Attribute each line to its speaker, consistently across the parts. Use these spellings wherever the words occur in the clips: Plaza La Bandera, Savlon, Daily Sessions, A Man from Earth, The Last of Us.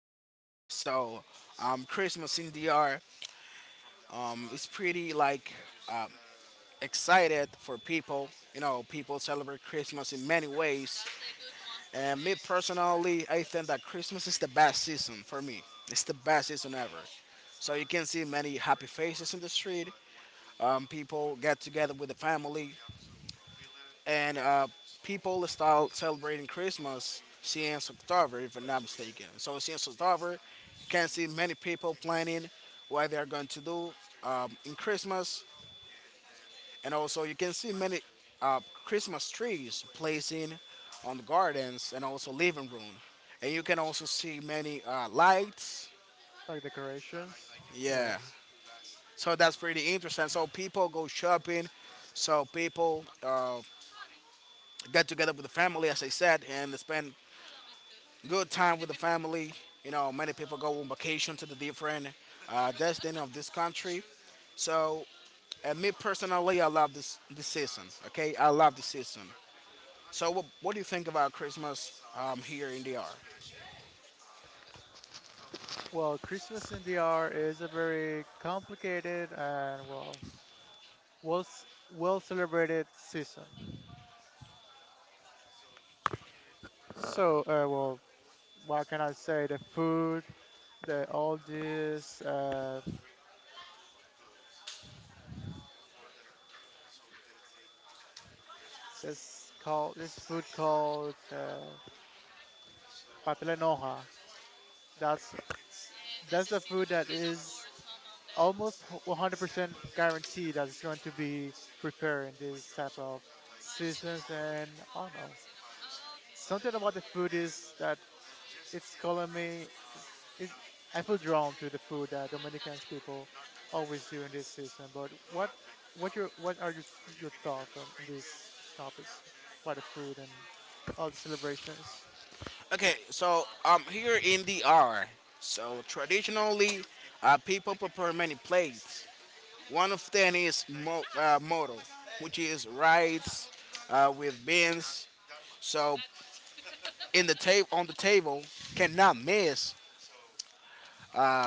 Speaker 1: DR. Christmas in DR, it's pretty like excited for people. You know, people celebrate Christmas in many ways. And me personally, I think that Christmas is the best season for me. It's the best season ever. So you can see many happy faces in the street. People get together with the family, and people start celebrating Christmas here in September, if I'm not mistaken. So here in September, you can see many people planning what they are going to do in Christmas, and also you can see many uh, Christmas trees placing on the gardens and also living room, and you can also see many lights.
Speaker 2: Like decorations? Yeah.
Speaker 1: Yeah, so that's pretty interesting. So people go shopping. So people get together with the family, as I said, and spend good time with the family. You know, many people go on vacation to the different destination of this country. So, Me personally, I love this season. Okay, I love this season. So, what do you think about Christmas here in the R?
Speaker 2: Well, Christmas in DR is a very complicated and well celebrated season. So, what can I say? The food, the all this, this call, this food called patele noja. That's that's a food that is almost 100% guaranteed that it's going to be prepared in this type of seasons, and I don't know. Something about the food is that it's calling me. It's, it's, I feel drawn to the food that Dominicans people always do in this season. But what are your thoughts on these topics about the food and all the celebrations?
Speaker 1: Okay, so here in the R, so traditionally, people prepare many plates. One of them is moto, which is rice with beans. So in the table on the table cannot miss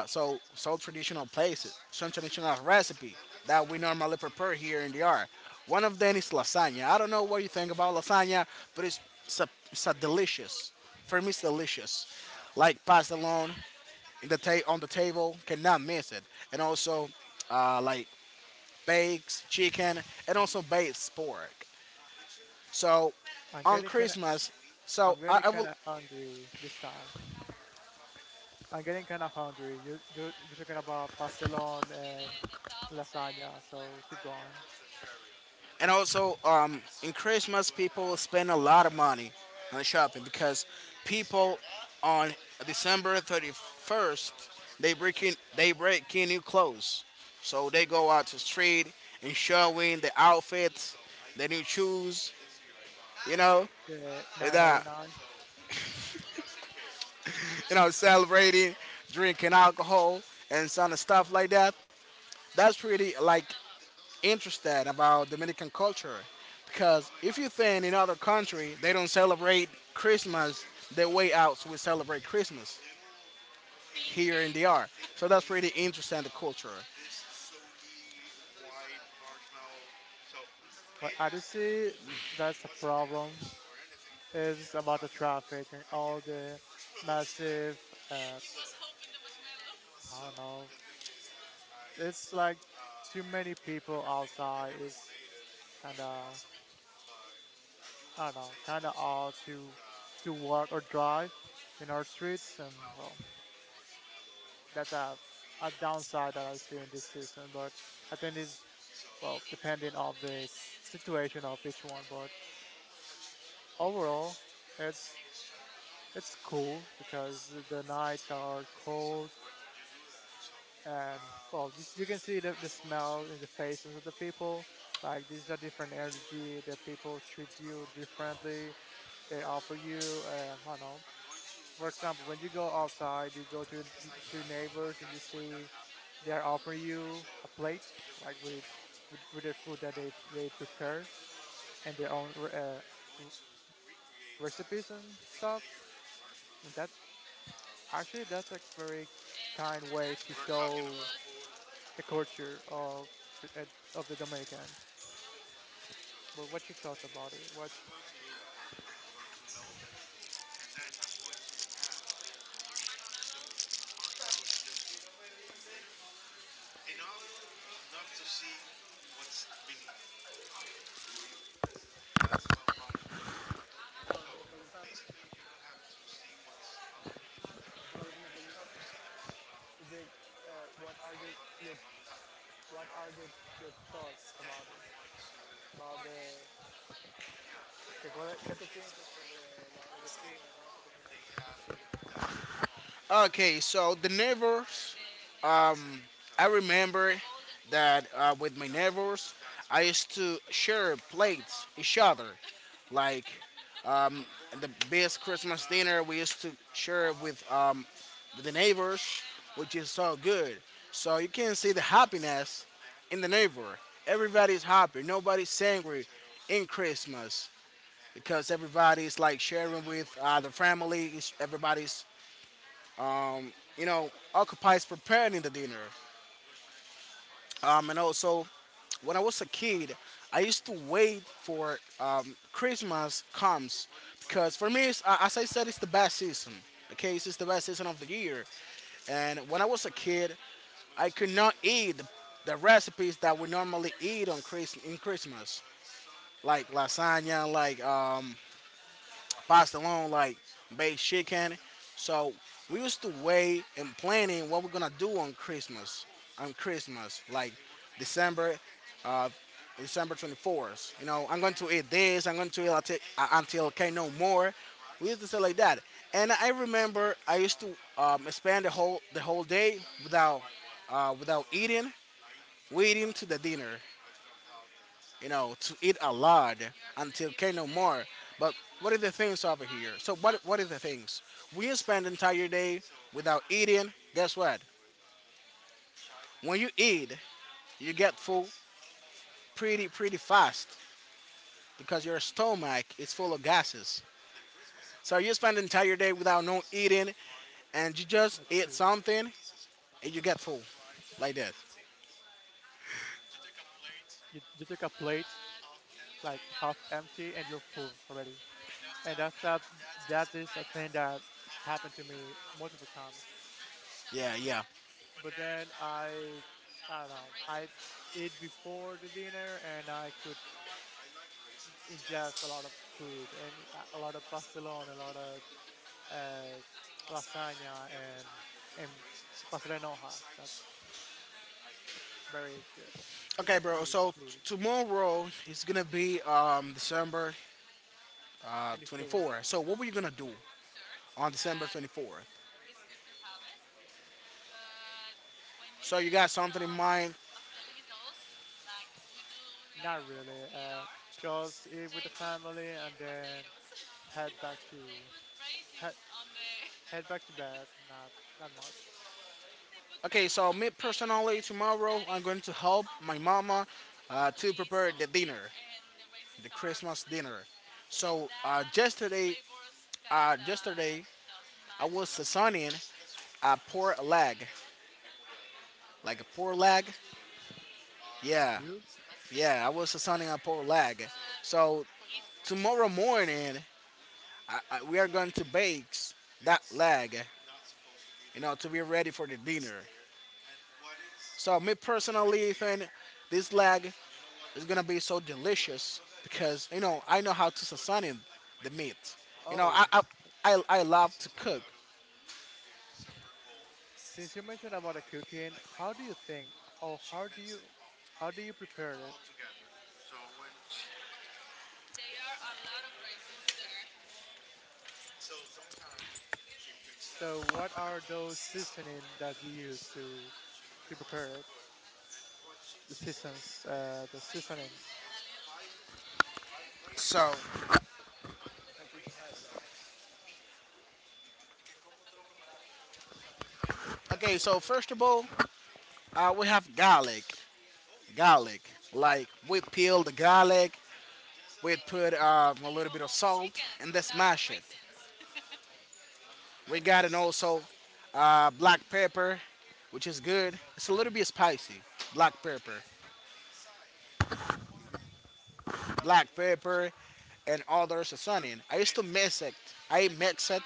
Speaker 1: so traditional places, some traditional recipe that we normally prepare here in the yard. One of them is lasagna. I don't know what you think about lasagna, but it's a delicious. For me, it's delicious. Like passed along on the table, cannot miss it. And also, like bakes chicken and also baked pork. So
Speaker 2: I'm
Speaker 1: on
Speaker 2: getting kind of
Speaker 1: Christmas, so
Speaker 2: I'm getting
Speaker 1: I
Speaker 2: kind
Speaker 1: will
Speaker 2: of hungry this time. I'm getting kind of hungry. You're talking about pastelon and lasagna, so keep going.
Speaker 1: And also, in Christmas, people spend a lot of money on shopping because people on December 31st they break in new clothes, so they go out to the street and showing the outfits, the new shoes, you know,
Speaker 2: The
Speaker 1: with
Speaker 2: 9.99.
Speaker 1: you know, celebrating, drinking alcohol and some stuff like that. That's pretty like interested about Dominican culture because if you think in other country they don't celebrate Christmas the way out so we celebrate Christmas here in DR. So that's pretty interesting the culture.
Speaker 2: But I do see that's a problem. It's about the traffic and all the massive, uh, I don't know, it's like too many people outside. It's kind of, I don't know, kind of odd to walk or drive in our streets, and well, that's a downside that I see in this season. But I think it's well, depending on the situation of each one. But overall, it's it's cool because the nights are cold, and well, just you can see the smell in the faces of the people, like these are different energy. The people treat you differently. They offer you I don't know, for example, when you go outside, you go to your neighbors and you see they are offering you a plate, like with with the food that they prepared and their own r- recipes and stuff. And that, actually, that's a very kind way to show the culture of the, uh, of the Dominican. But what, your thoughts about it? What? The, what are your What are your thoughts about it? About the que, cuál es- ¿Qué tú piensas sobre la- los vecinos que no te comida? Sí, que están en la calle.
Speaker 1: Okay, so the neighbors, I remember that with my neighbors, I used to share plates each other. Like the best Christmas dinner we used to share with the neighbors, which is so good. So you can see the happiness in the neighbor. Everybody's happy. Nobody's angry in Christmas because everybody's like sharing with the family. Everybody's you know occupies preparing the dinner. And also when I was a kid, I used to wait for Christmas comes because for me, as I said, it's the best season. Okay, it's the best season of the year. And when I was a kid, I could not eat the recipes that we normally eat on Christmas in Christmas, like lasagna, like pasta alone, like baked chicken. So we used to weigh and planning what we're gonna do on Christmas. On Christmas, like December, December 24th. You know, I'm going to eat this. I'm going to eat until I can no more. We used to say like that. And I remember I used to spend the whole day without without eating, waiting to the dinner. You know, to eat a lot until can no more. But what are the things over here? So what are the things? We spend the entire day without eating. Guess what? When you eat, you get full pretty fast because your stomach is full of gases. So
Speaker 2: Not
Speaker 1: you spend the
Speaker 2: true.
Speaker 1: entire day without no eating, and you just eat something and you get full like that.
Speaker 2: You took a plate like half empty, and you're full already, and that's that. That is a thing that happened to me multiple times.
Speaker 1: Yeah, yeah.
Speaker 2: But then I don't know. I ate before the dinner, and I could ingest a lot of food, and a lot of pastelón, a lot of uh, lasagna and pastel de hojas. That's very good, very
Speaker 1: Okay, bro.
Speaker 2: good
Speaker 1: So
Speaker 2: food.
Speaker 1: tomorrow is gonna be December
Speaker 2: 24th,
Speaker 1: 24. So what were you gonna do on December 24th? So you got something in mind?
Speaker 2: not really. Just eat with the family and then head back to head, head back to bed. Not not much.
Speaker 1: Okay, so me personally, tomorrow I'm going to help my mama to prepare the dinner, the Christmas dinner. So yesterday I was sazoning a pork leg, like a pork leg. Yeah,
Speaker 2: You?
Speaker 1: yeah, I was sazoning a pork leg. So tomorrow morning, we are going to bake that leg, you know, to be ready for the dinner. So me personally, think this leg it's gonna be so delicious because you know I know how to season the meat. You know
Speaker 2: Oh,
Speaker 1: I love to cook.
Speaker 2: since you mentioned about the cooking, how do you think, or how do you prepare it? So what are those seasoning that you use to prepare it? The seasonings
Speaker 1: So okay, so first of all, we have garlic. Like we peel the garlic, we put a little bit of salt, and then smash it. We got an also black pepper, which is good. It's a little bit spicy. Black pepper, black pepper, and other seasoning. I used to mix it. I mix it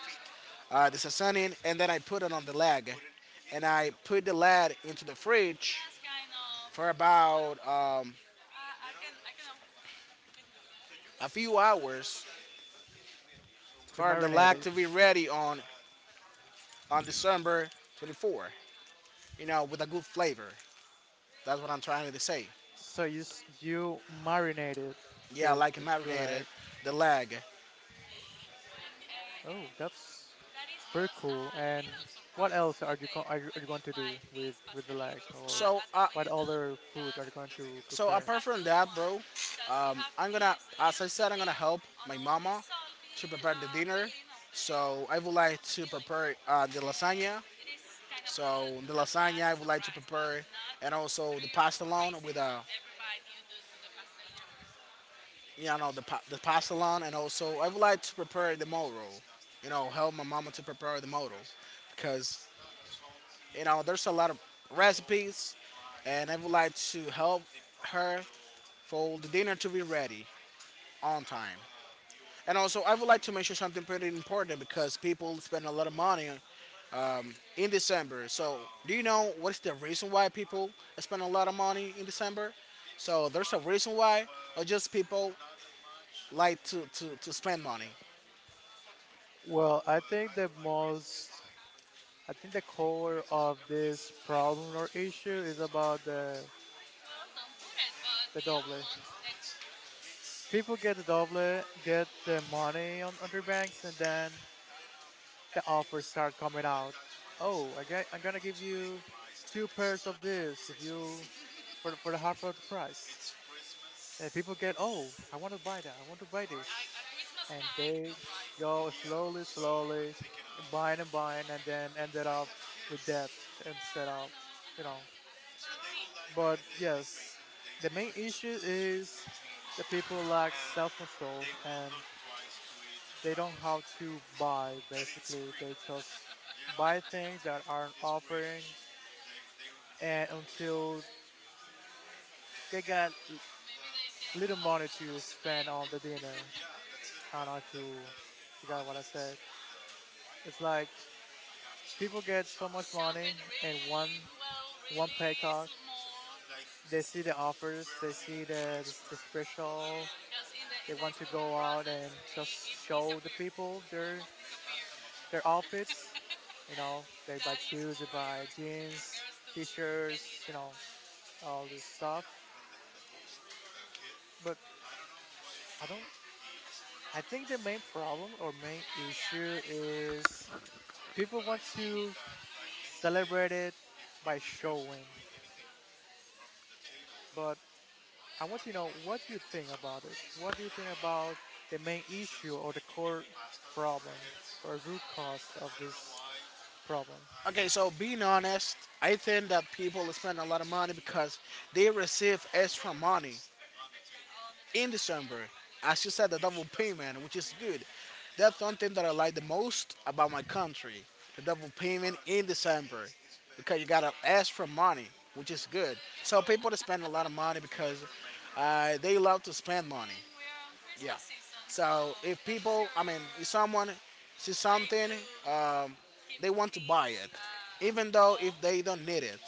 Speaker 1: the seasoning, and then I put it on the leg, and I put the leg into the fridge for about a few hours
Speaker 2: to
Speaker 1: for the
Speaker 2: marinate
Speaker 1: leg
Speaker 2: it.
Speaker 1: to be ready on December 24th. You know, with a good flavor. That's what I'm trying to say.
Speaker 2: So you you marinated
Speaker 1: Yeah, I like it
Speaker 2: the
Speaker 1: marinated,
Speaker 2: leg.
Speaker 1: the leg.
Speaker 2: Oh, that's very cool. And what else are you are you going to do with the leg, or
Speaker 1: So, uh,
Speaker 2: what other food are you going to
Speaker 1: So
Speaker 2: prepare?
Speaker 1: apart from that, bro, I'm gonna, as I said, I'm gonna help my mama so to prepare the dinner. So I would like to prepare the lasagna. So the lasagna I would like to prepare, and also the pasta alone with you know the pasta alone, and also I would like to prepare the moro. You know, help my mama to prepare the moro, because you know there's a lot of recipes, and I would like to help her for the dinner to be ready on time. And also, I would like to mention something pretty important because people spend a lot of money in December. So, do you know what's the reason why people spend a lot of money in December? So, there's a reason why, or just people like to spend money.
Speaker 2: Well, I think the most I think the core of this problem or issue is about the doble. People get the double, get their money on, their banks, and then the offers start coming out. Oh, I get, I'm gonna give you two pairs of this if you for for the half of the price. And people get, oh, I want to buy that, I want to buy this, and they go slowly, slowly, buying and buying, and then ended up with debt and set up, you know. But yes, the main issue is the people lack self-control, and they don't have to buy, basically they just buy things that aren't offering, and until they got little money to spend on the dinner. I don't know if you forgot what I said. It's like people get so much money in one pay cut. They see the offers, they see the special. They want to go out and just show the people their outfits. You know, they buy shoes, they buy jeans, t-shirts, you know, all this stuff. But I don't. I think the main problem or main issue is people want to celebrate it by showing. But I want to know what you think about it. What do you think about the main issue or the core problem or root cause of this problem?
Speaker 1: Okay, so being honest, I think that people spend a lot of money because they receive extra money in December. As you said, the double payment, which is good. That's one thing that I like the most about my country the double payment in December because you gotta ask for money, which is good. So people that spend a lot of money because they love to spend money. Yeah. So if people, I mean, if someone sees something, they want to buy it, even though if they don't need it,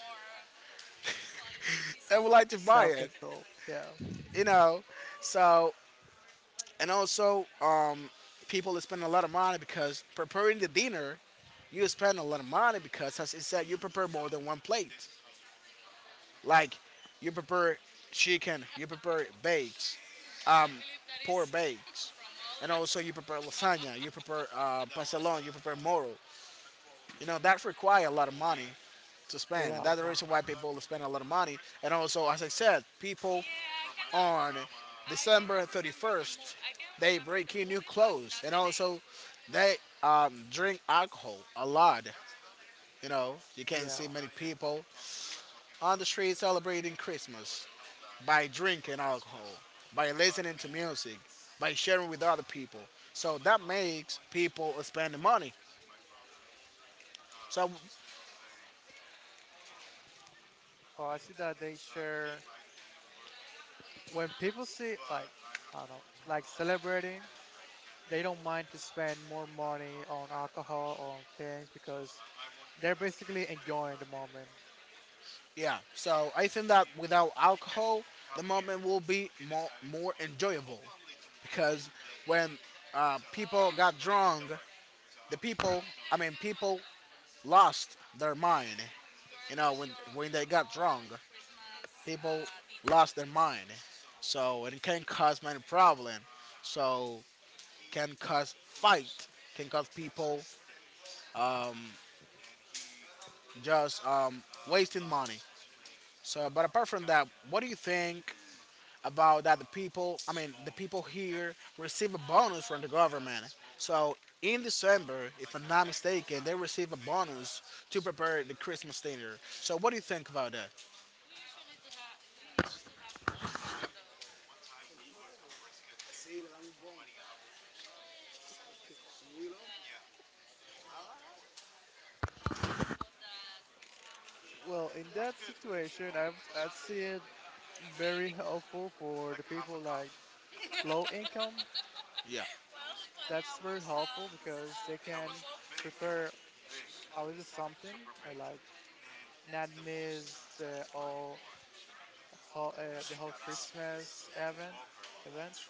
Speaker 1: they would like to buy
Speaker 2: Self
Speaker 1: it.
Speaker 2: control. Yeah,
Speaker 1: You know. So and also people spend a lot of money because preparing the dinner, you spend a lot of money because, as it said, you prepare more than one plate. Like you prepare chicken, you prepare bakes, pork bakes, and also you prepare lasagna, you prepare pasalón, you prepare moro. You know that requires a lot of money to
Speaker 2: a
Speaker 1: spend.
Speaker 2: lot of
Speaker 1: That's the reason why
Speaker 2: money.
Speaker 1: people spend a lot of money. And also, as I said, people on December 31st, they break in new clothes, and also they drink alcohol a lot. You know, you can't
Speaker 2: Yeah.
Speaker 1: see many people on the street celebrating Christmas by drinking alcohol, by listening to music, by sharing with other people. So that makes people spend money. So
Speaker 2: Well, I see that they share. When people see like I don't know, like celebrating, they don't mind to spend more money on alcohol on things because they're basically enjoying the moment.
Speaker 1: yeah, so I think that without alcohol, the moment will be more enjoyable because when people got drunk, the people, I mean, people lost their mind. You know, when they got drunk, people lost their mind. So and it can cause many problem. So can cause fight, can cause people just wasting money. So, but apart from that, what do you think about that? I mean, the people here receive a bonus from the government. So in December, if I'm not mistaken, they receive a bonus to prepare the Christmas dinner. So what do you think about that?
Speaker 2: Well, in that situation, I would, I'd see it very helpful for the people like low income.
Speaker 1: Yeah.
Speaker 2: That's very helpful because they can prepare a little something. I like not miss the all whole, the whole Christmas event.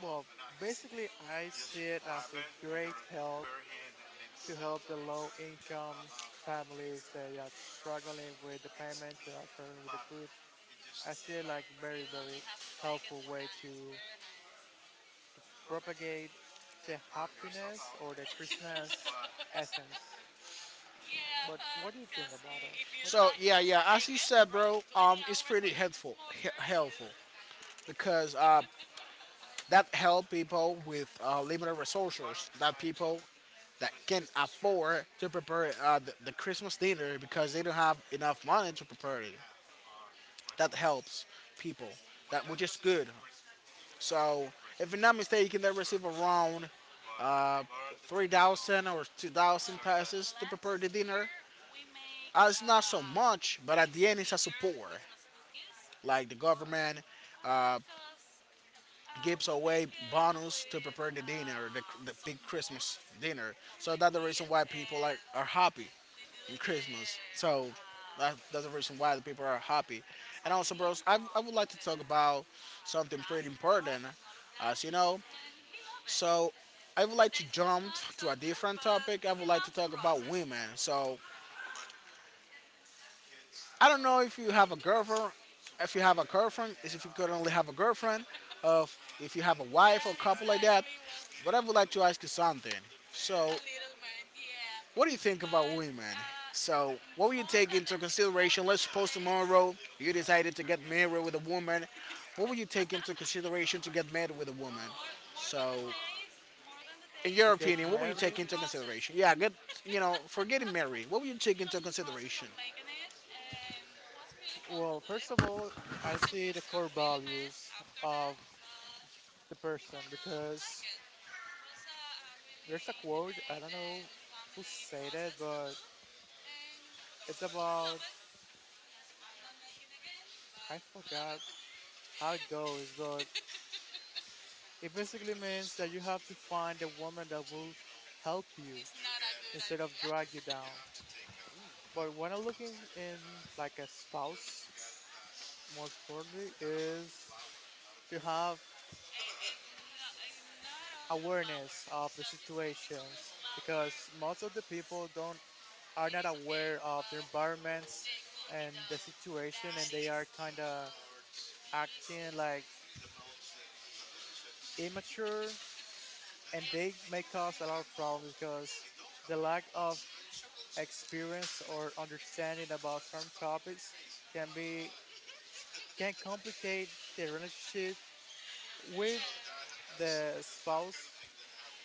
Speaker 2: Well, basically, I see it as a great help to help the low incomes families that are struggling with the payments, that are struggling with the food. I see it like very very helpful way to propagate the happiness or the Christmas essence. But what do you think about it? What do
Speaker 1: So
Speaker 2: you
Speaker 1: as you said, bro, it's pretty helpful, helpful because that help people with limited resources, that people that can afford to prepare the Christmas dinner because they don't have enough money to prepare it. That helps people, that which is good. So if I'm not mistaken, they receive around 3,000 or 2,000 passes to prepare the dinner. It's not so much, but at the end, it's a support. Like the government uh, gives away bonus to prepare the dinner, the big Christmas dinner. So that's the reason why people are happy in Christmas. So that's the reason why the people are happy. And also, bros, I would like to talk about something pretty important, as you know. So I would like to jump to a different topic. I would like to talk about women. So I don't know if you have a girlfriend. If you have a girlfriend, is if you currently have a girlfriend, of if you have a wife or couple like that. But I would like to ask you something. So, what do you think about women? So, what would you take into consideration? Let's suppose tomorrow you decided to get married with a woman. What would you take into consideration to get married with a woman? So, in
Speaker 2: think?
Speaker 1: your
Speaker 2: To get
Speaker 1: opinion, what would you
Speaker 2: married?
Speaker 1: take into consideration? Yeah, for getting married, what would you take into consideration?
Speaker 2: Well, first of all, I see the core values of the person because there's a quote, I don't know who said it, but it's about, I forgot how it goes, but it basically means that you have to find a woman that will help you instead of drag you down. But when I'm looking in like a spouse, most importantly, is to have awareness of the situations because most of the people don't are not aware of their environments and the situation, and they are kind of acting like immature, and they may cause a lot of problems because the lack of experience or understanding about certain topics can be can complicate the relationship with the spouse,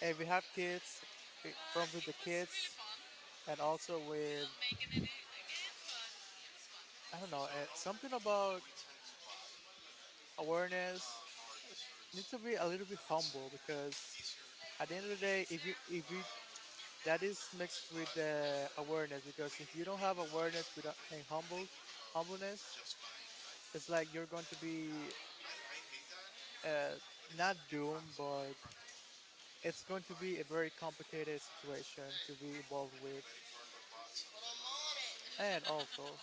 Speaker 2: if we have kids, from with the kids, and also with, I don't know, something about awareness. Need to be a little bit humble, because at the end of the day, if you that is mixed with the awareness, because if you don't have awareness without and humble humbleness, it's like you're going to be uh, not doomed, but it's going to be a very complicated situation to be involved with. And also,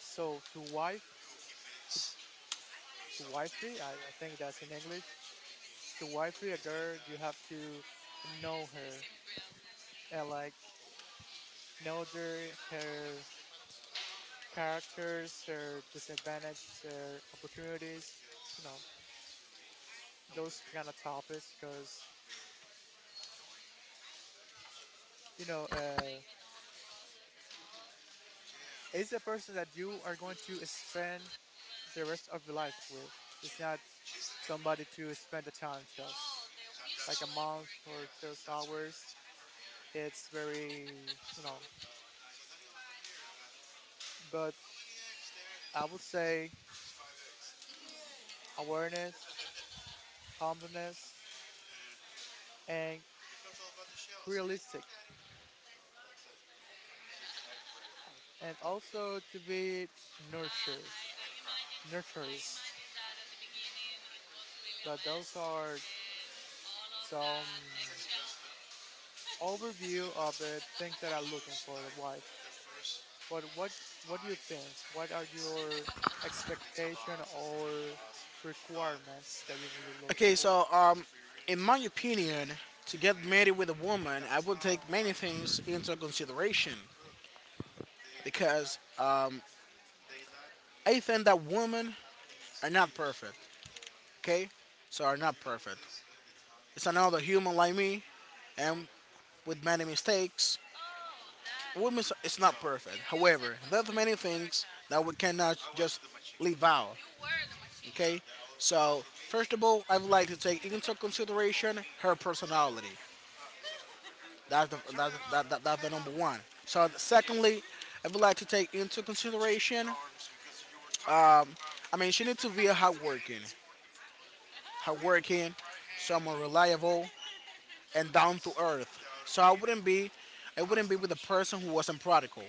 Speaker 2: so to wife to, to wifey, I think that's in English. To wifey a girl, you have to know her and like know their her characters, their disadvantage, their opportunities, you know, s- those kind of topics. Because you know, it's a person that you are going to spend the rest of your life with. It's not somebody to spend the time just like a month or just hours. It's very, you know, but I would say awareness, humbleness, and realistic, and also to be nurture, nurturist. But those are some overview of the things that I'm looking for a wife. But what do you think? What are your expectation or requirements that you really look
Speaker 1: Okay,
Speaker 2: for?
Speaker 1: so in my opinion, to get married with a woman, I would take many things into consideration because I think that women are not perfect. Okay, so are not perfect. It's another human like me and with many mistakes. Women is not perfect. However, there's many things that we cannot just leave out. Okay, so first of all, I would like to take into consideration her personality. That's the number one. So secondly, I would like to take into consideration. I mean, she needs to be a hardworking, someone reliable and down to earth. So I wouldn't be with a person who wasn't prodigal.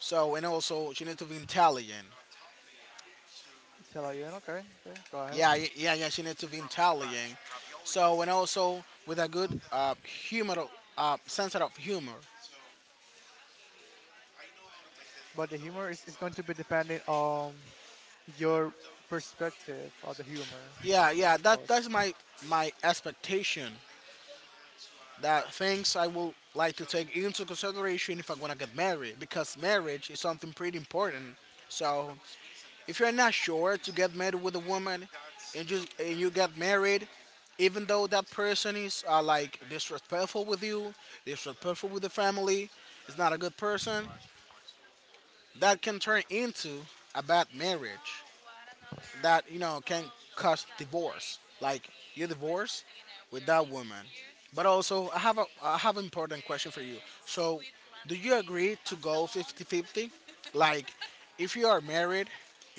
Speaker 1: So and also she needs to be intelligent.
Speaker 2: Tell her, yeah, okay, okay, go ahead.
Speaker 1: Yeah, yeah, yeah, yeah, she needs to be intelligent. So and also with a good humor, sense of humor.
Speaker 2: But the humor is going to be depending on your perspective of the humor,
Speaker 1: Yeah, yeah.
Speaker 2: of
Speaker 1: That's
Speaker 2: course.
Speaker 1: my expectation, that things I would like to take into consideration if I'm gonna get married because marriage is something pretty important. So if you're not sure to get married with a woman and you get married, even though that person is like disrespectful with you, disrespectful with the family, is not a good person, that can turn into a bad marriage that can cause divorce. Like you divorce with that woman. But also, I have an important question for you. So, do you agree to go 50-50? Like, if you are married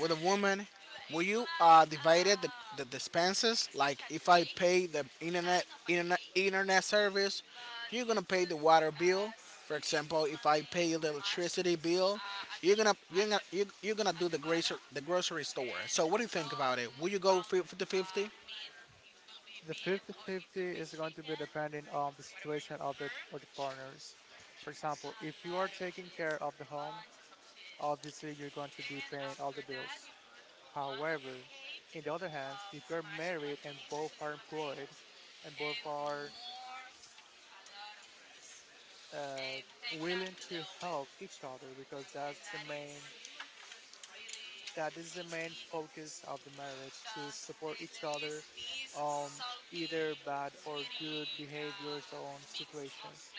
Speaker 1: with a woman, will you divide it, the expenses? Like, if I pay the internet service, you're gonna pay the water bill. For example, if I pay the electricity bill, you're gonna do the grocery store. So what do you think about it? Will you go 50-50?
Speaker 2: The 50-50 is going to be depending on the situation of of the partners. For example, if you are taking care of the home, obviously you're going to be paying all the bills. However, in the other hand, if you're married and both are employed and both are uh, willing to help each other, because that's the main that is the main focus of the marriage, to support each other on either bad or good behaviors or on situations.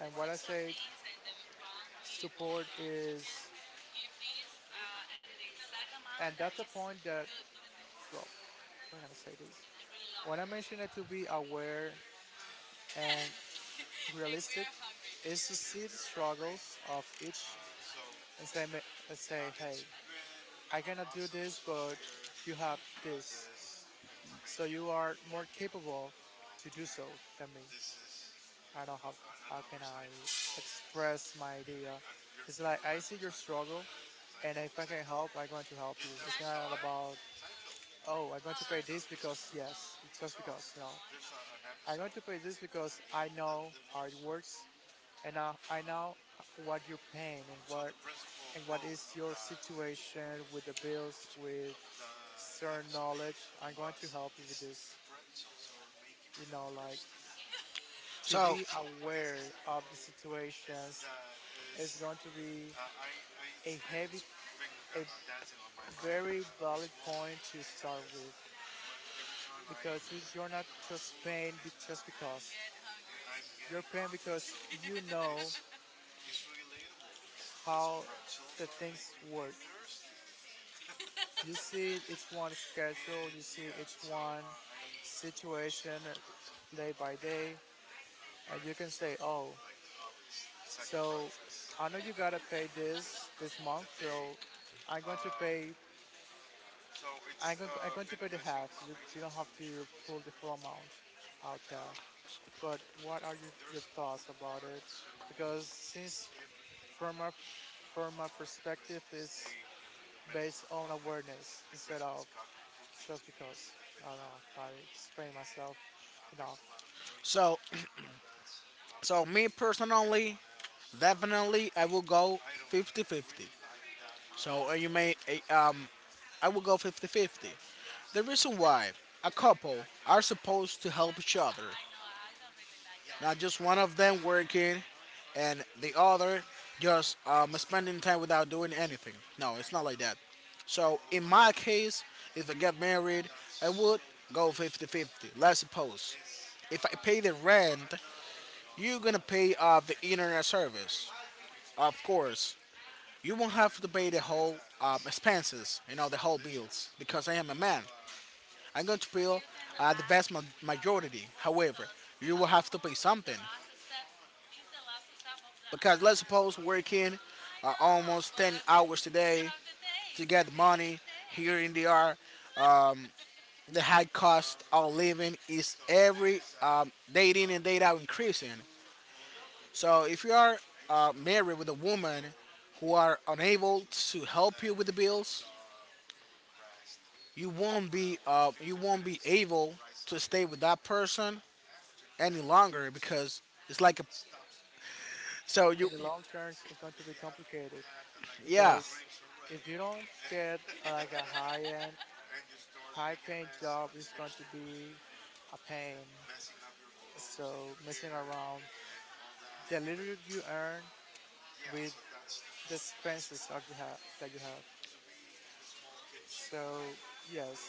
Speaker 2: And what I say support is, and that's a point that, well, we're gonna say this. When I mention it to be aware and realistic, is to see the struggles of each and say, say, hey, I cannot do this, but you have this, so you are more capable to do so than me. I don't know how can I express my idea. It's like I see your struggle, and if I can help, I'm going to help you. It's not about, oh, I'm going to pay this because, yes, just because, no. I'm going to pay this because I know how it works, and I know what you're paying and what is your situation with the bills, with certain knowledge. I'm going to help you with this. You know, like to
Speaker 1: So
Speaker 2: be aware of the situations is going to be a heavy, a very valid point to start with, because you, you're not just paying just because. You're paying because you know how the things work. You see each one schedule, you see each one situation day by day, and you can say, oh, so I know you gotta pay this month, so I'm going to pay. I'm going to pay the half, so you don't have to pull the full amount out there. But what are your thoughts about it? Because since from a from my perspective is based on awareness instead of just because. I don't know if I explain myself enough.
Speaker 1: so so me personally, definitely I will go 50-50. So you may uh, uh, I will go 50-50. The reason why a couple are supposed to help each other, not just one of them working and the other just spending time without doing anything. No, it's not like that. So in my case, if I get married, I would go 50-50. Let's suppose if I pay the rent, you're gonna pay the internet service. Of course, you won't have to pay the whole expenses, the whole bills, because I am a man. I'm going to pay the vast majority. However, you will have to pay something. Because let's suppose working almost 10 hours a day to get money here in DR, the high cost of living is every day in and day out increasing. So if you are married with a woman who are unable to help you with the bills, you won't be able to stay with that person any longer because it's like a, so
Speaker 2: In
Speaker 1: you...
Speaker 2: the long terms, it's going to be complicated
Speaker 1: Yeah,
Speaker 2: because if you don't get like high paying job, it's going to be a pain. So messing around the little you earn with the expenses that you have. So yes,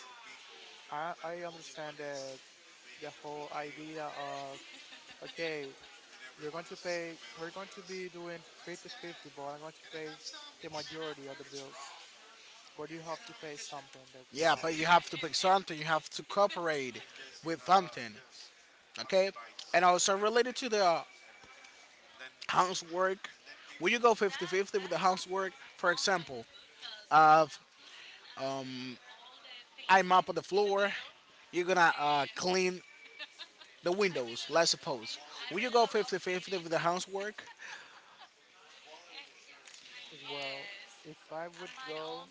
Speaker 2: I understand the whole idea of okay, you're going to pay, we're going to be doing 50-50, but I'm going to pay the majority of the bills. But you have to pay something, in the
Speaker 1: yeah, but you
Speaker 2: house.
Speaker 1: have to pick something, you have to cooperate with something. Okay, and also related to the housework, when you go 50-50 with the housework, for example, if I mop on the floor, you're gonna clean the windows. Let's suppose, will you go 50-50 with the housework?
Speaker 2: Well, if I would go,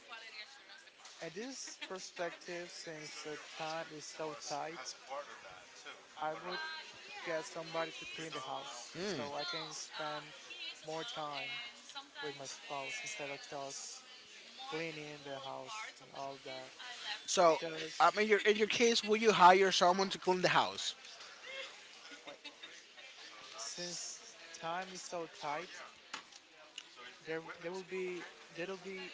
Speaker 2: at this perspective, since the time is so tight, I would get somebody to clean the house so I can spend more time with my spouse instead of just cleaning the house and all that.
Speaker 1: So,
Speaker 2: Because,
Speaker 1: I mean, your in your case, will you hire someone to clean the house?
Speaker 2: Wait, since time is so tight, there will be there'll be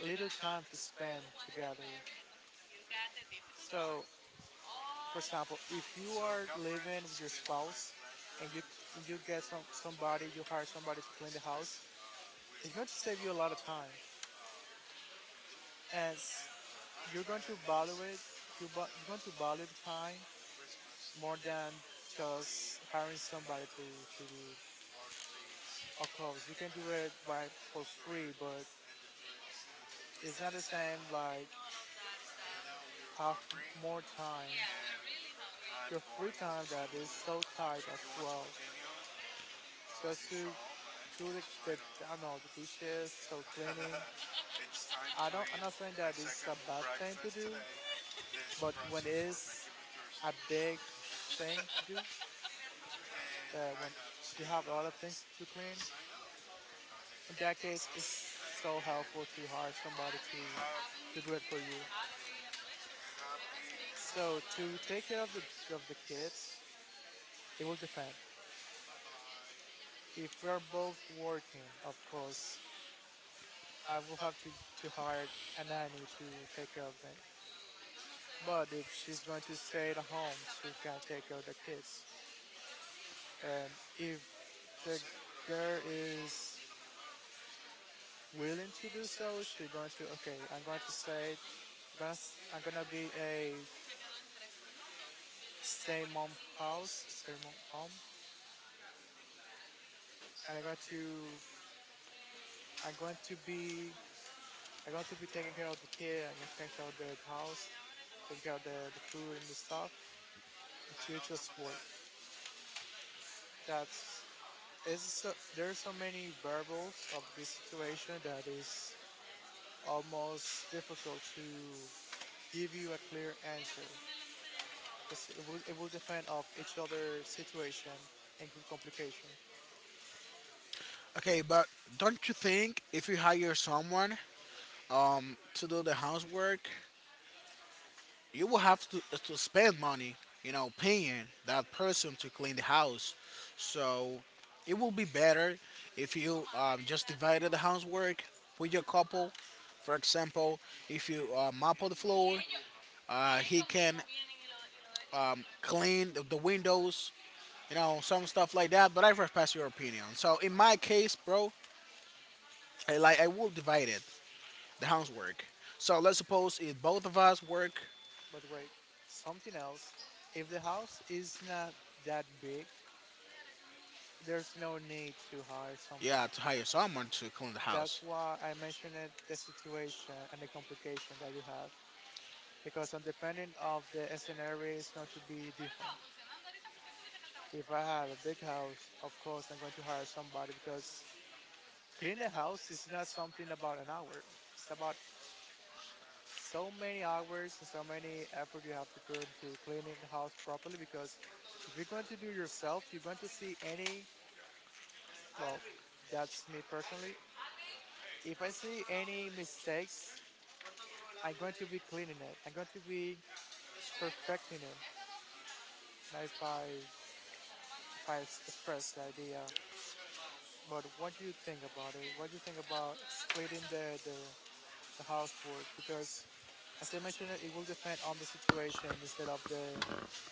Speaker 2: little time to spend together. So, for example, if you are living with your spouse and you get somebody, you hire somebody to clean the house, it's going to save you a lot of time, and you're going to value it. You're going to value the time more than just hiring somebody to do. Of course, you can do it by for free, but it's not the same like have more time your free time that is so tight as well. Just to do the I don't know the dishes, so cleaning. I'm not saying that it's a bad thing to do, but when it's a big thing to do, when you have a lot of things to clean, in that case, it's so helpful to hire somebody to do it for you. So to take care of the kids, it will depend. If we are both working, of course, I will have to hire a nanny to take care of them. But if she's going to stay at home, she can take care of the kids. And if the girl is willing to do so, she's going to, okay, I'm going to say, I'm gonna, I'm gonna be a stay mom house, stay mom home, and I'm going to be, I'm going to be taking care of the kid, I'm going to take care of the house, taking care of the food and the stuff, and you just work. That's it's so, there are so many variables of this situation that is almost difficult to give you a clear answer because it will depend of each other situation and complication.
Speaker 1: Okay, but don't you think if you hire someone to do the housework, you will have to spend money, you know, paying that person to clean the house? So it will be better if you just divided the housework with your couple. For example, if you mop the floor, he can clean the windows, you know, some stuff like that. But I respect your opinion. So in my case, bro, like, I will divide it, the housework. So let's suppose if both of us work,
Speaker 2: But wait, something else. If the house is not that big, there's no need to hire
Speaker 1: yeah,
Speaker 2: someone.
Speaker 1: to hire someone to clean the
Speaker 2: That's
Speaker 1: house.
Speaker 2: why I mentioned it, the situation and the complication that you have because on depending of the scenario is going to be different. If I have a big house, of course I'm going to hire somebody because cleaning a house is not something about an hour. It's about so many hours and so many effort you have to put into cleaning the house properly because if you're going to do yourself, you're going to see any, well, that's me personally. If I see any mistakes, I'm going to be cleaning it. I'm going to be perfecting it. And if I express the idea, but what do you think about it? What do you think about splitting the housework because, as I mentioned, it will depend on the situation instead of the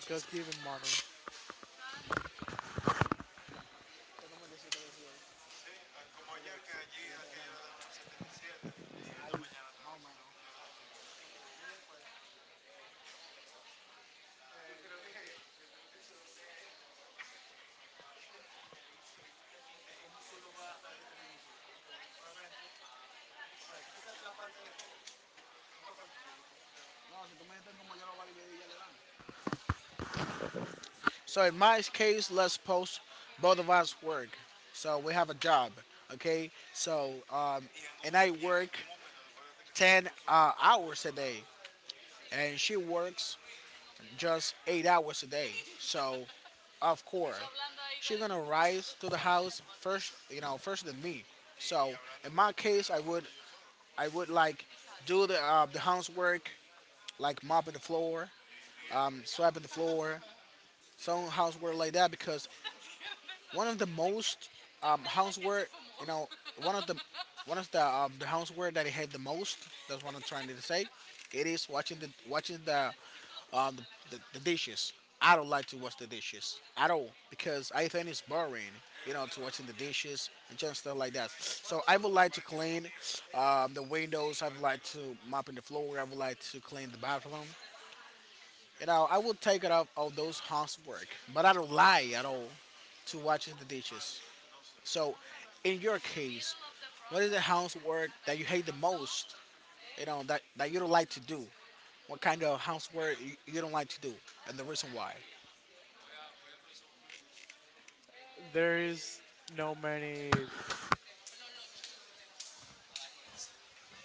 Speaker 2: just giving money.
Speaker 1: So in my case, let's post both of us work. So we have a job, okay? And I work 10 hours a day, and she works just 8 hours a day. So of course, she's gonna rise to the house first, you know, first than me. So in my case, I would like do the housework, like mopping the floor, mm, swiping the floor, some housework like that because one of the most houseware, you know, one of the one of the houseware that I hate the most. That's what I'm trying to say. It is watching the dishes. I don't like to watch the dishes at all because I think it's boring, you know, to watching the dishes and just stuff like that. So I would like to clean the windows. I would like to mopping the floor. I would like to clean the bathroom. You know, I would take it off all those housework, but I don't lie at all to watching the dishes. So, in your case, what is the housework that you hate the most? You know that you don't like to do. What kind of housework you don't like to do, and the reason why?
Speaker 2: There is no many.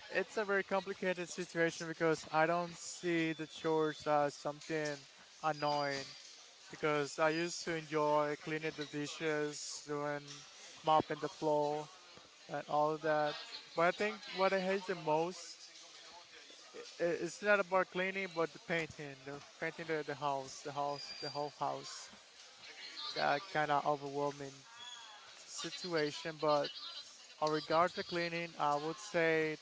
Speaker 2: It's a very complicated situation because I don't see the chores as something annoying because I used to enjoy cleaning the dishes, doing mopping the floor, and all of that. But I think what I hate the most it's not about cleaning, but the painting, the house, the whole house. Kind of overwhelming situation, but in regards to cleaning, I would say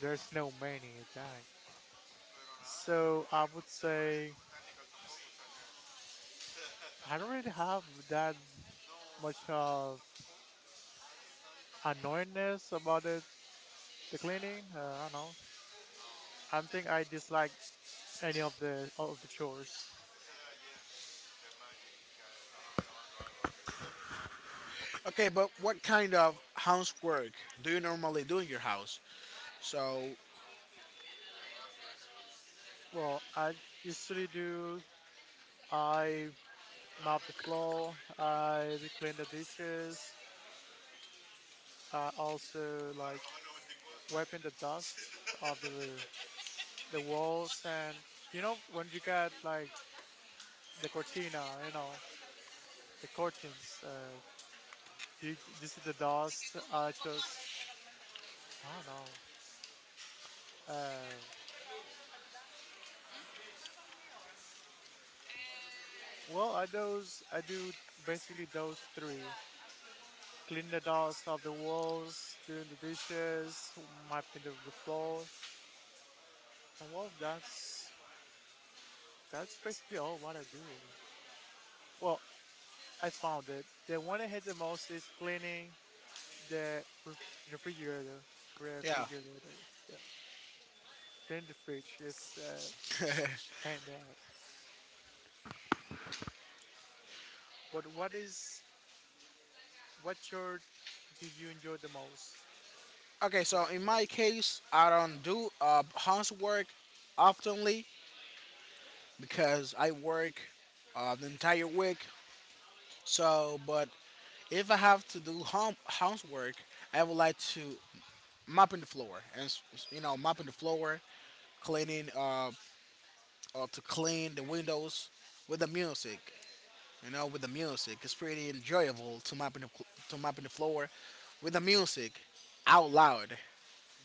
Speaker 2: there's no many that. So I would say I don't really have that much of annoyingness about it, the cleaning. I don't know. I don't think I dislike any of the chores.
Speaker 1: Okay, but what kind of housework do you normally do in your house? So,
Speaker 2: Well, I usually do. I mop the floor. I clean the dishes. I also like wiping the dust of the walls and you know when you got like the cortina you know the curtains do you see the dust? I just i don't know uh well i those I do basically those three. Clean the dust off the walls, doing the dishes, mopping the floor, and well that's basically all what I do. Well, I found it, the one I hate the most is cleaning the refrigerator
Speaker 1: yeah.
Speaker 2: refrigerator. Yeah. Painted fridge is painted. But what genre do you enjoy the most?
Speaker 1: Okay, so
Speaker 2: Sure.
Speaker 1: in my case, I don't do housework oftenly because I work the entire week. So, but if I have to do home housework, I would like to mopping the floor and you know mopping the floor, cleaning to clean the windows with the music. You know, with the music, it's pretty enjoyable to mopping the cl- to mopping the floor with the music out loud.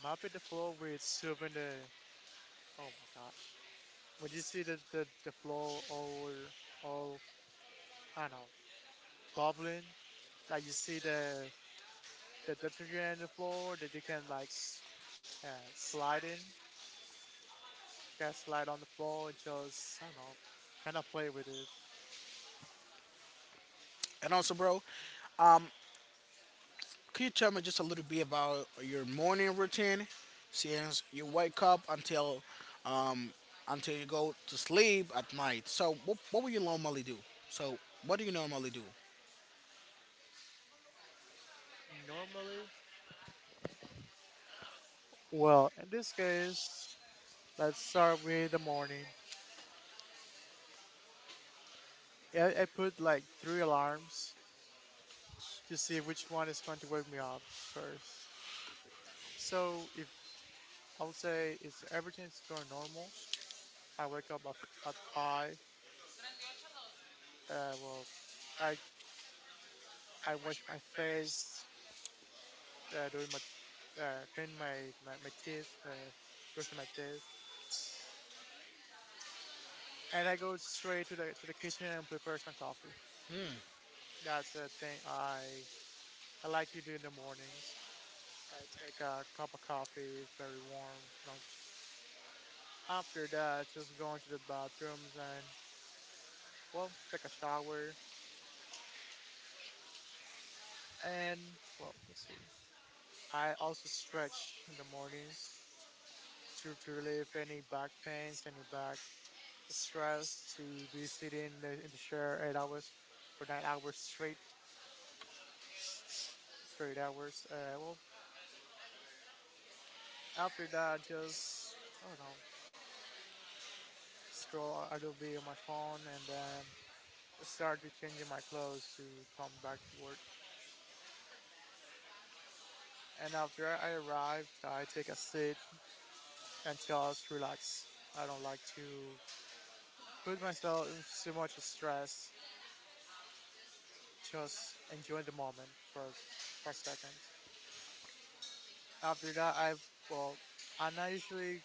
Speaker 2: Mopping the floor with soaping the, oh my gosh. When you see the floor all all I don't know bubbling, like you see the detergent on the floor that you can like uh, slide in, you can slide on the floor and just, I don't know, kind of play with it.
Speaker 1: And also, bro, could you tell me just a little bit about your morning routine? Since you wake up until you go to sleep at night, so what will you normally do? So what do you normally do?
Speaker 2: Normally, well, in this case, let's start with the morning. I put like three alarms to see which one is going to wake me up first. So if I would say is everything's going normal, I wake up at five. Uh, well, I I wash my face, doing my clean my teeth, brushing my teeth, and I go straight to the kitchen and prepare some coffee. That's a thing I like to do in the mornings. I got a cup of coffee, very warm, you know. After that, just going to the bathrooms and well, take a shower and well, let's see. I also stretch in the mornings to relieve any back pains, any back stress. To be sitting in in the chair 8 hours or 9 hours straight hours. After that, just, I don't know, scroll a little bit on my phone and then start to changing my clothes to come back to work. And after I arrived, I take a sit and just relax. I don't like to put myself in so much stress. Just enjoy the moment for a second. After that, well, I'm not usually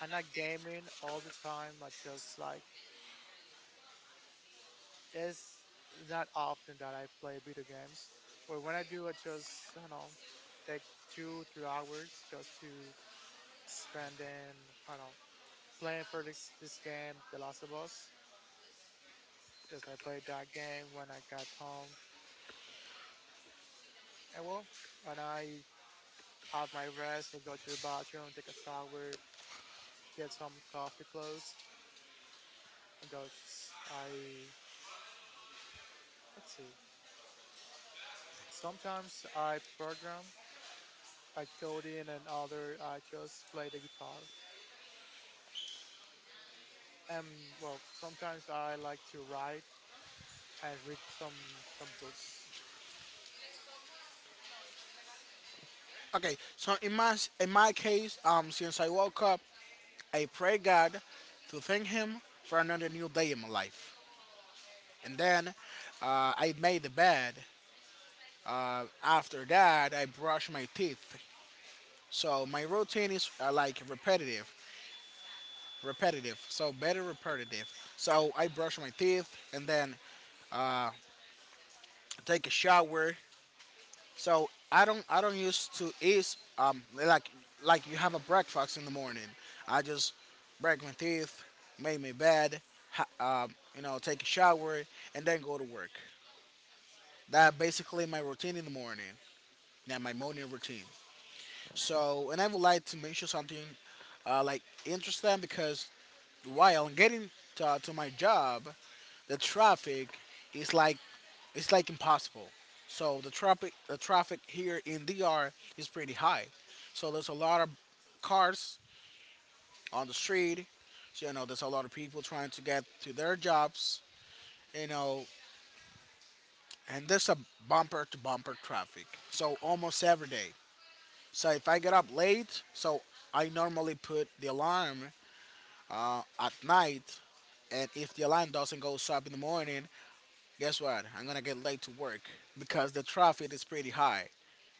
Speaker 2: I'm not gaming all the time. I just like, it's not often that I play video games. But when I do, I just, I don't know, take 2 3 hours just to spend in, I don't know, playing for this game, The Last of Us. Yes, I played that game when I got home. And well, when I have my rest, I go to the bathroom, take a shower, get some coffee clothes, and those I let's see. Sometimes I program, I code in, and other I just play the guitar. And well, sometimes I like to write and read some books.
Speaker 1: Okay, so in my case, since I woke up I pray God to thank Him for another new day in my life. And then I made the bed. After that, I brush my teeth. So my routine is like repetitive. So better repetitive. So I brush my teeth and then take a shower. So I don't used to eat like you have a breakfast in the morning. I just break my teeth, make my bed, take a shower, and then go to work. That basically my routine in the morning. Yeah, my morning routine. So, and I would like to mention something like interesting because while I'm getting to my job, the traffic is like it's like impossible. So the traffic here in D.R. is pretty high. So there's a lot of cars on the street. So, you know, there's a lot of people trying to get to their jobs. You know, and there's a bumper to bumper traffic. So almost every day. So if I get up late, so I normally put the alarm at night, and if the alarm doesn't go so up in the morning, guess what? I'm gonna get late to work because the traffic is pretty high.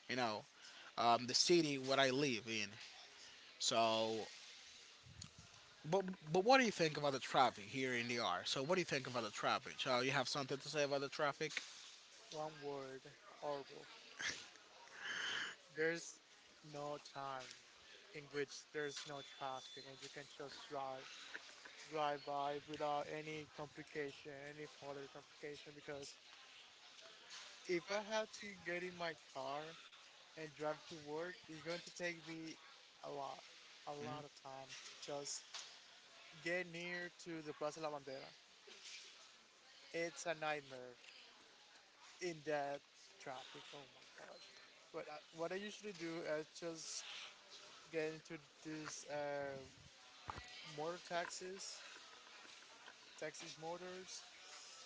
Speaker 1: You know, the city where I live in. So, but but what do you think about the traffic here in the R? So what do you think about the traffic? So you have something to say about the traffic?
Speaker 2: One word, horrible. There's no time in which there's no traffic and you can just drive by without any complication, any further complication. Because if I had to get in my car and drive to work, it's going to take me a lot, a lot of time to just get near to the Plaza La Bandera. It's a nightmare in that traffic. Oh my gosh. But what I usually do is just get into these motor taxis, taxis motors,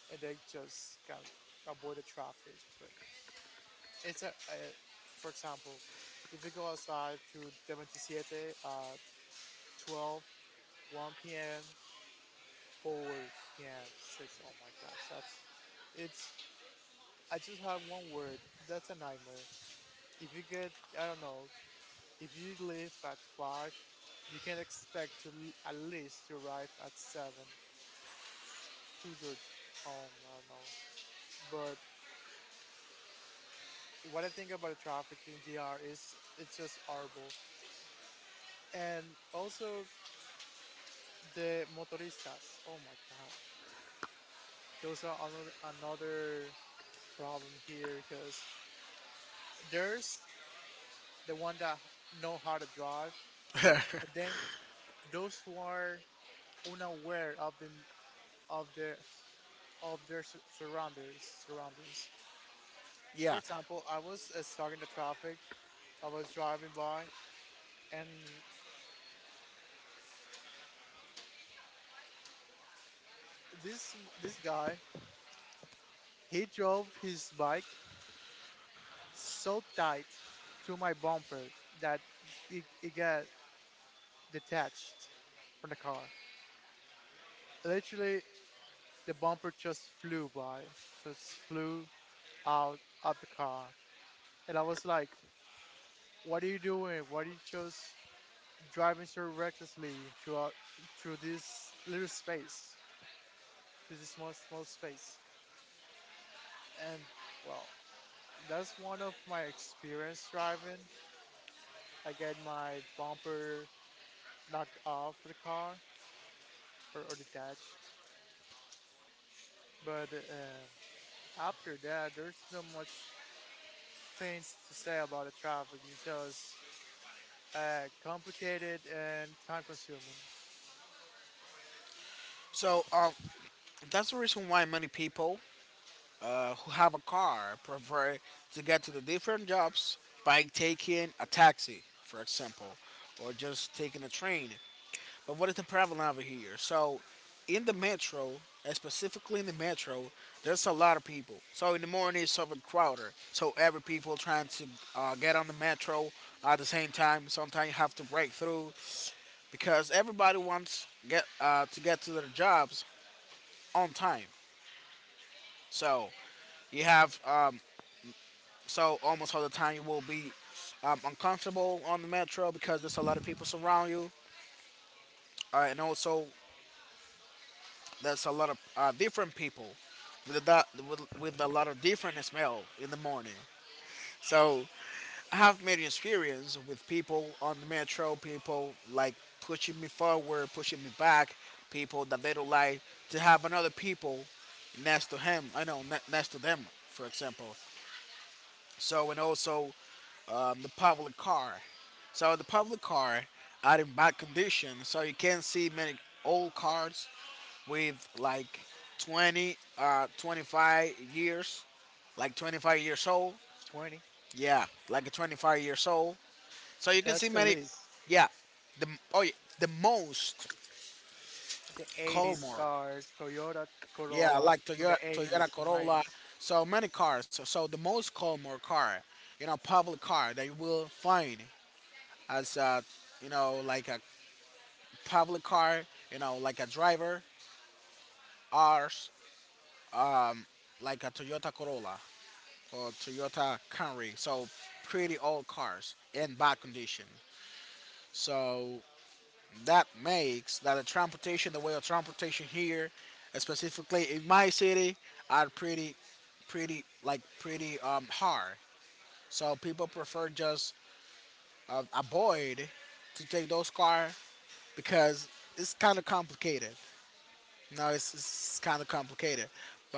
Speaker 2: and they just can avoid the traffic. But it's a, for example, if we go outside to 77 at 12, one p.m., 4 p.m., 6. Oh my gosh, that's it's. I just have one word. That's a nightmare. If you get, I don't know, if you leave at 5, you can expect to at least to arrive at 7 to your home. I don't know. But what I think about the traffic in DR is it's just horrible. And also, the motoristas. Oh my gosh. Those are another problem here because there's the one that know how to drive, but then those who are unaware of their of their surroundings. For
Speaker 1: Yeah.
Speaker 2: example, I was stuck in the traffic. I was driving by, and this this guy, he drove his bike so tight to my bumper that it got detached from the car. Literally, the bumper just flew by, just flew out of the car. And I was like, "What are you doing? Why are you just driving so recklessly throughout through this little space, to this small space?" And well, that's one of my experience driving. I get my bumper knocked off the car or detached, but after that, there's not much things to say about the trial because it's just complicated and time consuming.
Speaker 1: So that's the reason why many people who have a car prefer to get to the different jobs by taking a taxi, for example, or just taking a train. But what is the problem over here? So, in the metro, and specifically in the metro, there's a lot of people. So in the morning, it's overcrowded. So every people trying to get on the metro at the same time. Sometimes you have to break through because everybody wants get to get to their jobs on time. So you have, so almost all the time you will be uncomfortable on the metro because there's a lot of people surround you, and also there's a lot of different people with a lot of different smell in the morning. So I have made experience with people on the metro, people like pushing me forward, pushing me back, people that they don't like to have another people next to him. Next to them, for example. So and also the public car. So the public car are in bad condition. So you can see many old cars with like 20, 25 years, like 25 years old.
Speaker 2: 20.
Speaker 1: Yeah, like a 25 years old. So you can
Speaker 2: That's
Speaker 1: see
Speaker 2: the
Speaker 1: many.
Speaker 2: list.
Speaker 1: Yeah, the oh yeah, the most
Speaker 2: The 80s
Speaker 1: Colmore.
Speaker 2: cars, Toyota
Speaker 1: Yeah,
Speaker 2: Corolla
Speaker 1: like
Speaker 2: from the
Speaker 1: Toyota
Speaker 2: 80s and
Speaker 1: Corolla.
Speaker 2: 90s.
Speaker 1: So many cars. So, so the most Colmore car, you know, public car that you will find as a, you know, like a public car, you know, like a driver, ours like a Toyota Corolla or Toyota Camry. So pretty old cars in bad condition. So that makes that the transportation, the way of transportation here, specifically in my city, are pretty hard. So people prefer just avoid to take those car because it's kind of complicated. No, it's kind of complicated,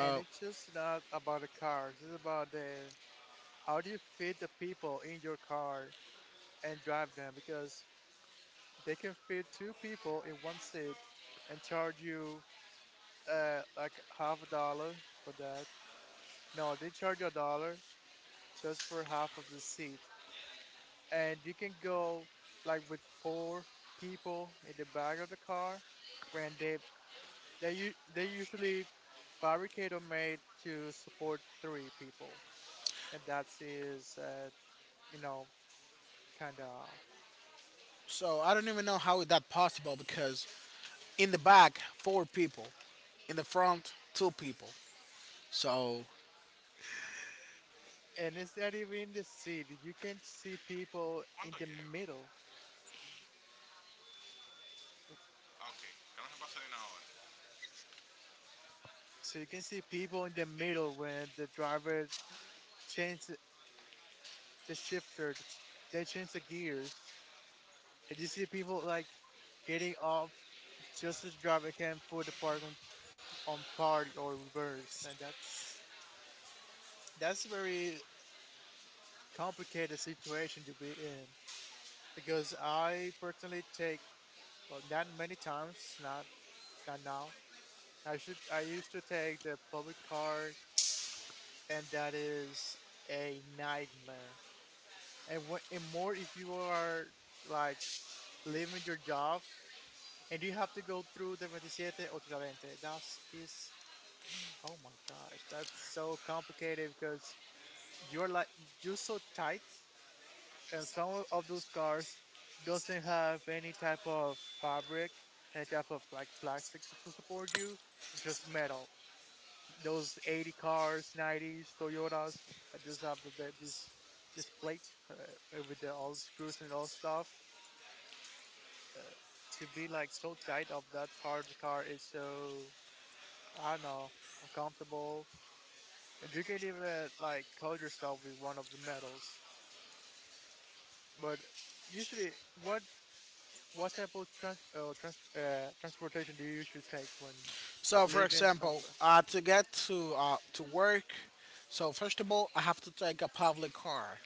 Speaker 2: And it's just not about the cars, it's about the how do you fit the people in your car and drive them because they can fit two people in one seat and charge you like half a dollar for that. No, they charge you a dollar just for half of the seat. And you can go like with four people in the back of the car when they usually fabricate or made to support three people. And that is you know, kind of.
Speaker 1: so I don't even know how is that possible because in the back four people, in the front two people. So
Speaker 2: And it's not even in the seat. You can see people in the middle. So you can see people in the middle when the driver changes the shifter, they change the gears. And you see people like getting off just to drive again, can put the park on park or reverse, and that's very complicated situation to be in because I personally take, well, not many times, not now. I used to take the public car, and that is a nightmare. And and more if you are like leaving your job and you have to go through the 27 or Tiradentes. That is, oh my gosh, that's so complicated because you're like you're so tight, and some of those cars doesn't have any type of fabric, any type of like plastic to support you, just metal. Those 80 cars, 90s Toyotas, I just have this plate uh, with the all the screws and all stuff. Uh, to be like so tight of that part of the car, it's so, I don't know, uncomfortable. And you can even like call yourself with one of the metals. But usually, what what type of transportation do you usually take when
Speaker 1: for
Speaker 2: living
Speaker 1: example,
Speaker 2: somewhere?
Speaker 1: to get to work, so first of all I have to take a public car,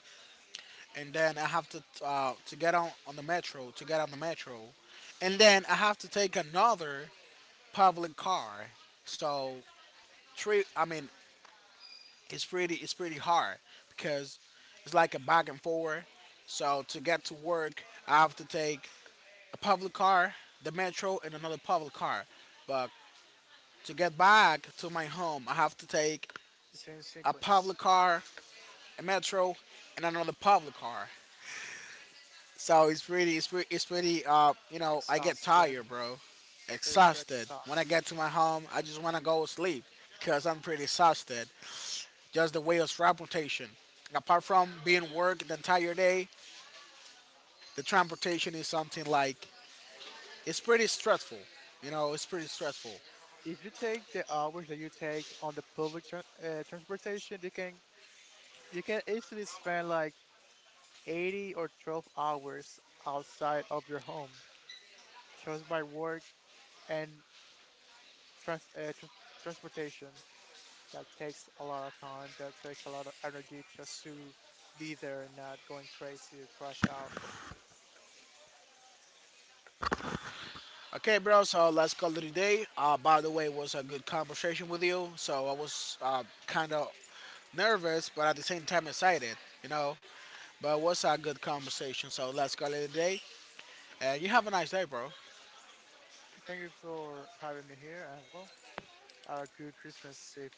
Speaker 1: and then I have to get on the metro, and then I have to take another public car. So I mean it's pretty hard because it's like a back and forth. So to get to work, I have to take a public car, the metro, and another public car. But to get back to my home, I have to take
Speaker 2: The same
Speaker 1: a
Speaker 2: sequence.
Speaker 1: public car, a metro, and another public car. So it's pretty. You know, I get
Speaker 2: Exhausting.
Speaker 1: tired, bro,
Speaker 2: It's
Speaker 1: exhausted. When I
Speaker 2: exhausting.
Speaker 1: get to my home, I just want to go sleep because I'm pretty exhausted. Just the way of transportation. Apart from being work the entire day, the transportation is something like it's pretty stressful. You know, it's pretty stressful.
Speaker 2: If you take the hours that you take on the public transportation, you can easily spend like 80 or 12 hours outside of your home. Just by work and trans- uh, tr- transportation that takes a lot of time, that takes a lot of energy just to be there and not going crazy or crash out.
Speaker 1: Okay, bro. So let's call it a day. By the way, it was a good conversation with you. So I was kind of nervous, but at the same time excited, you know. But it was a good conversation. So let's call it a day. And you have a nice day, bro.
Speaker 2: Thank you for having me here, and well, a good Christmas if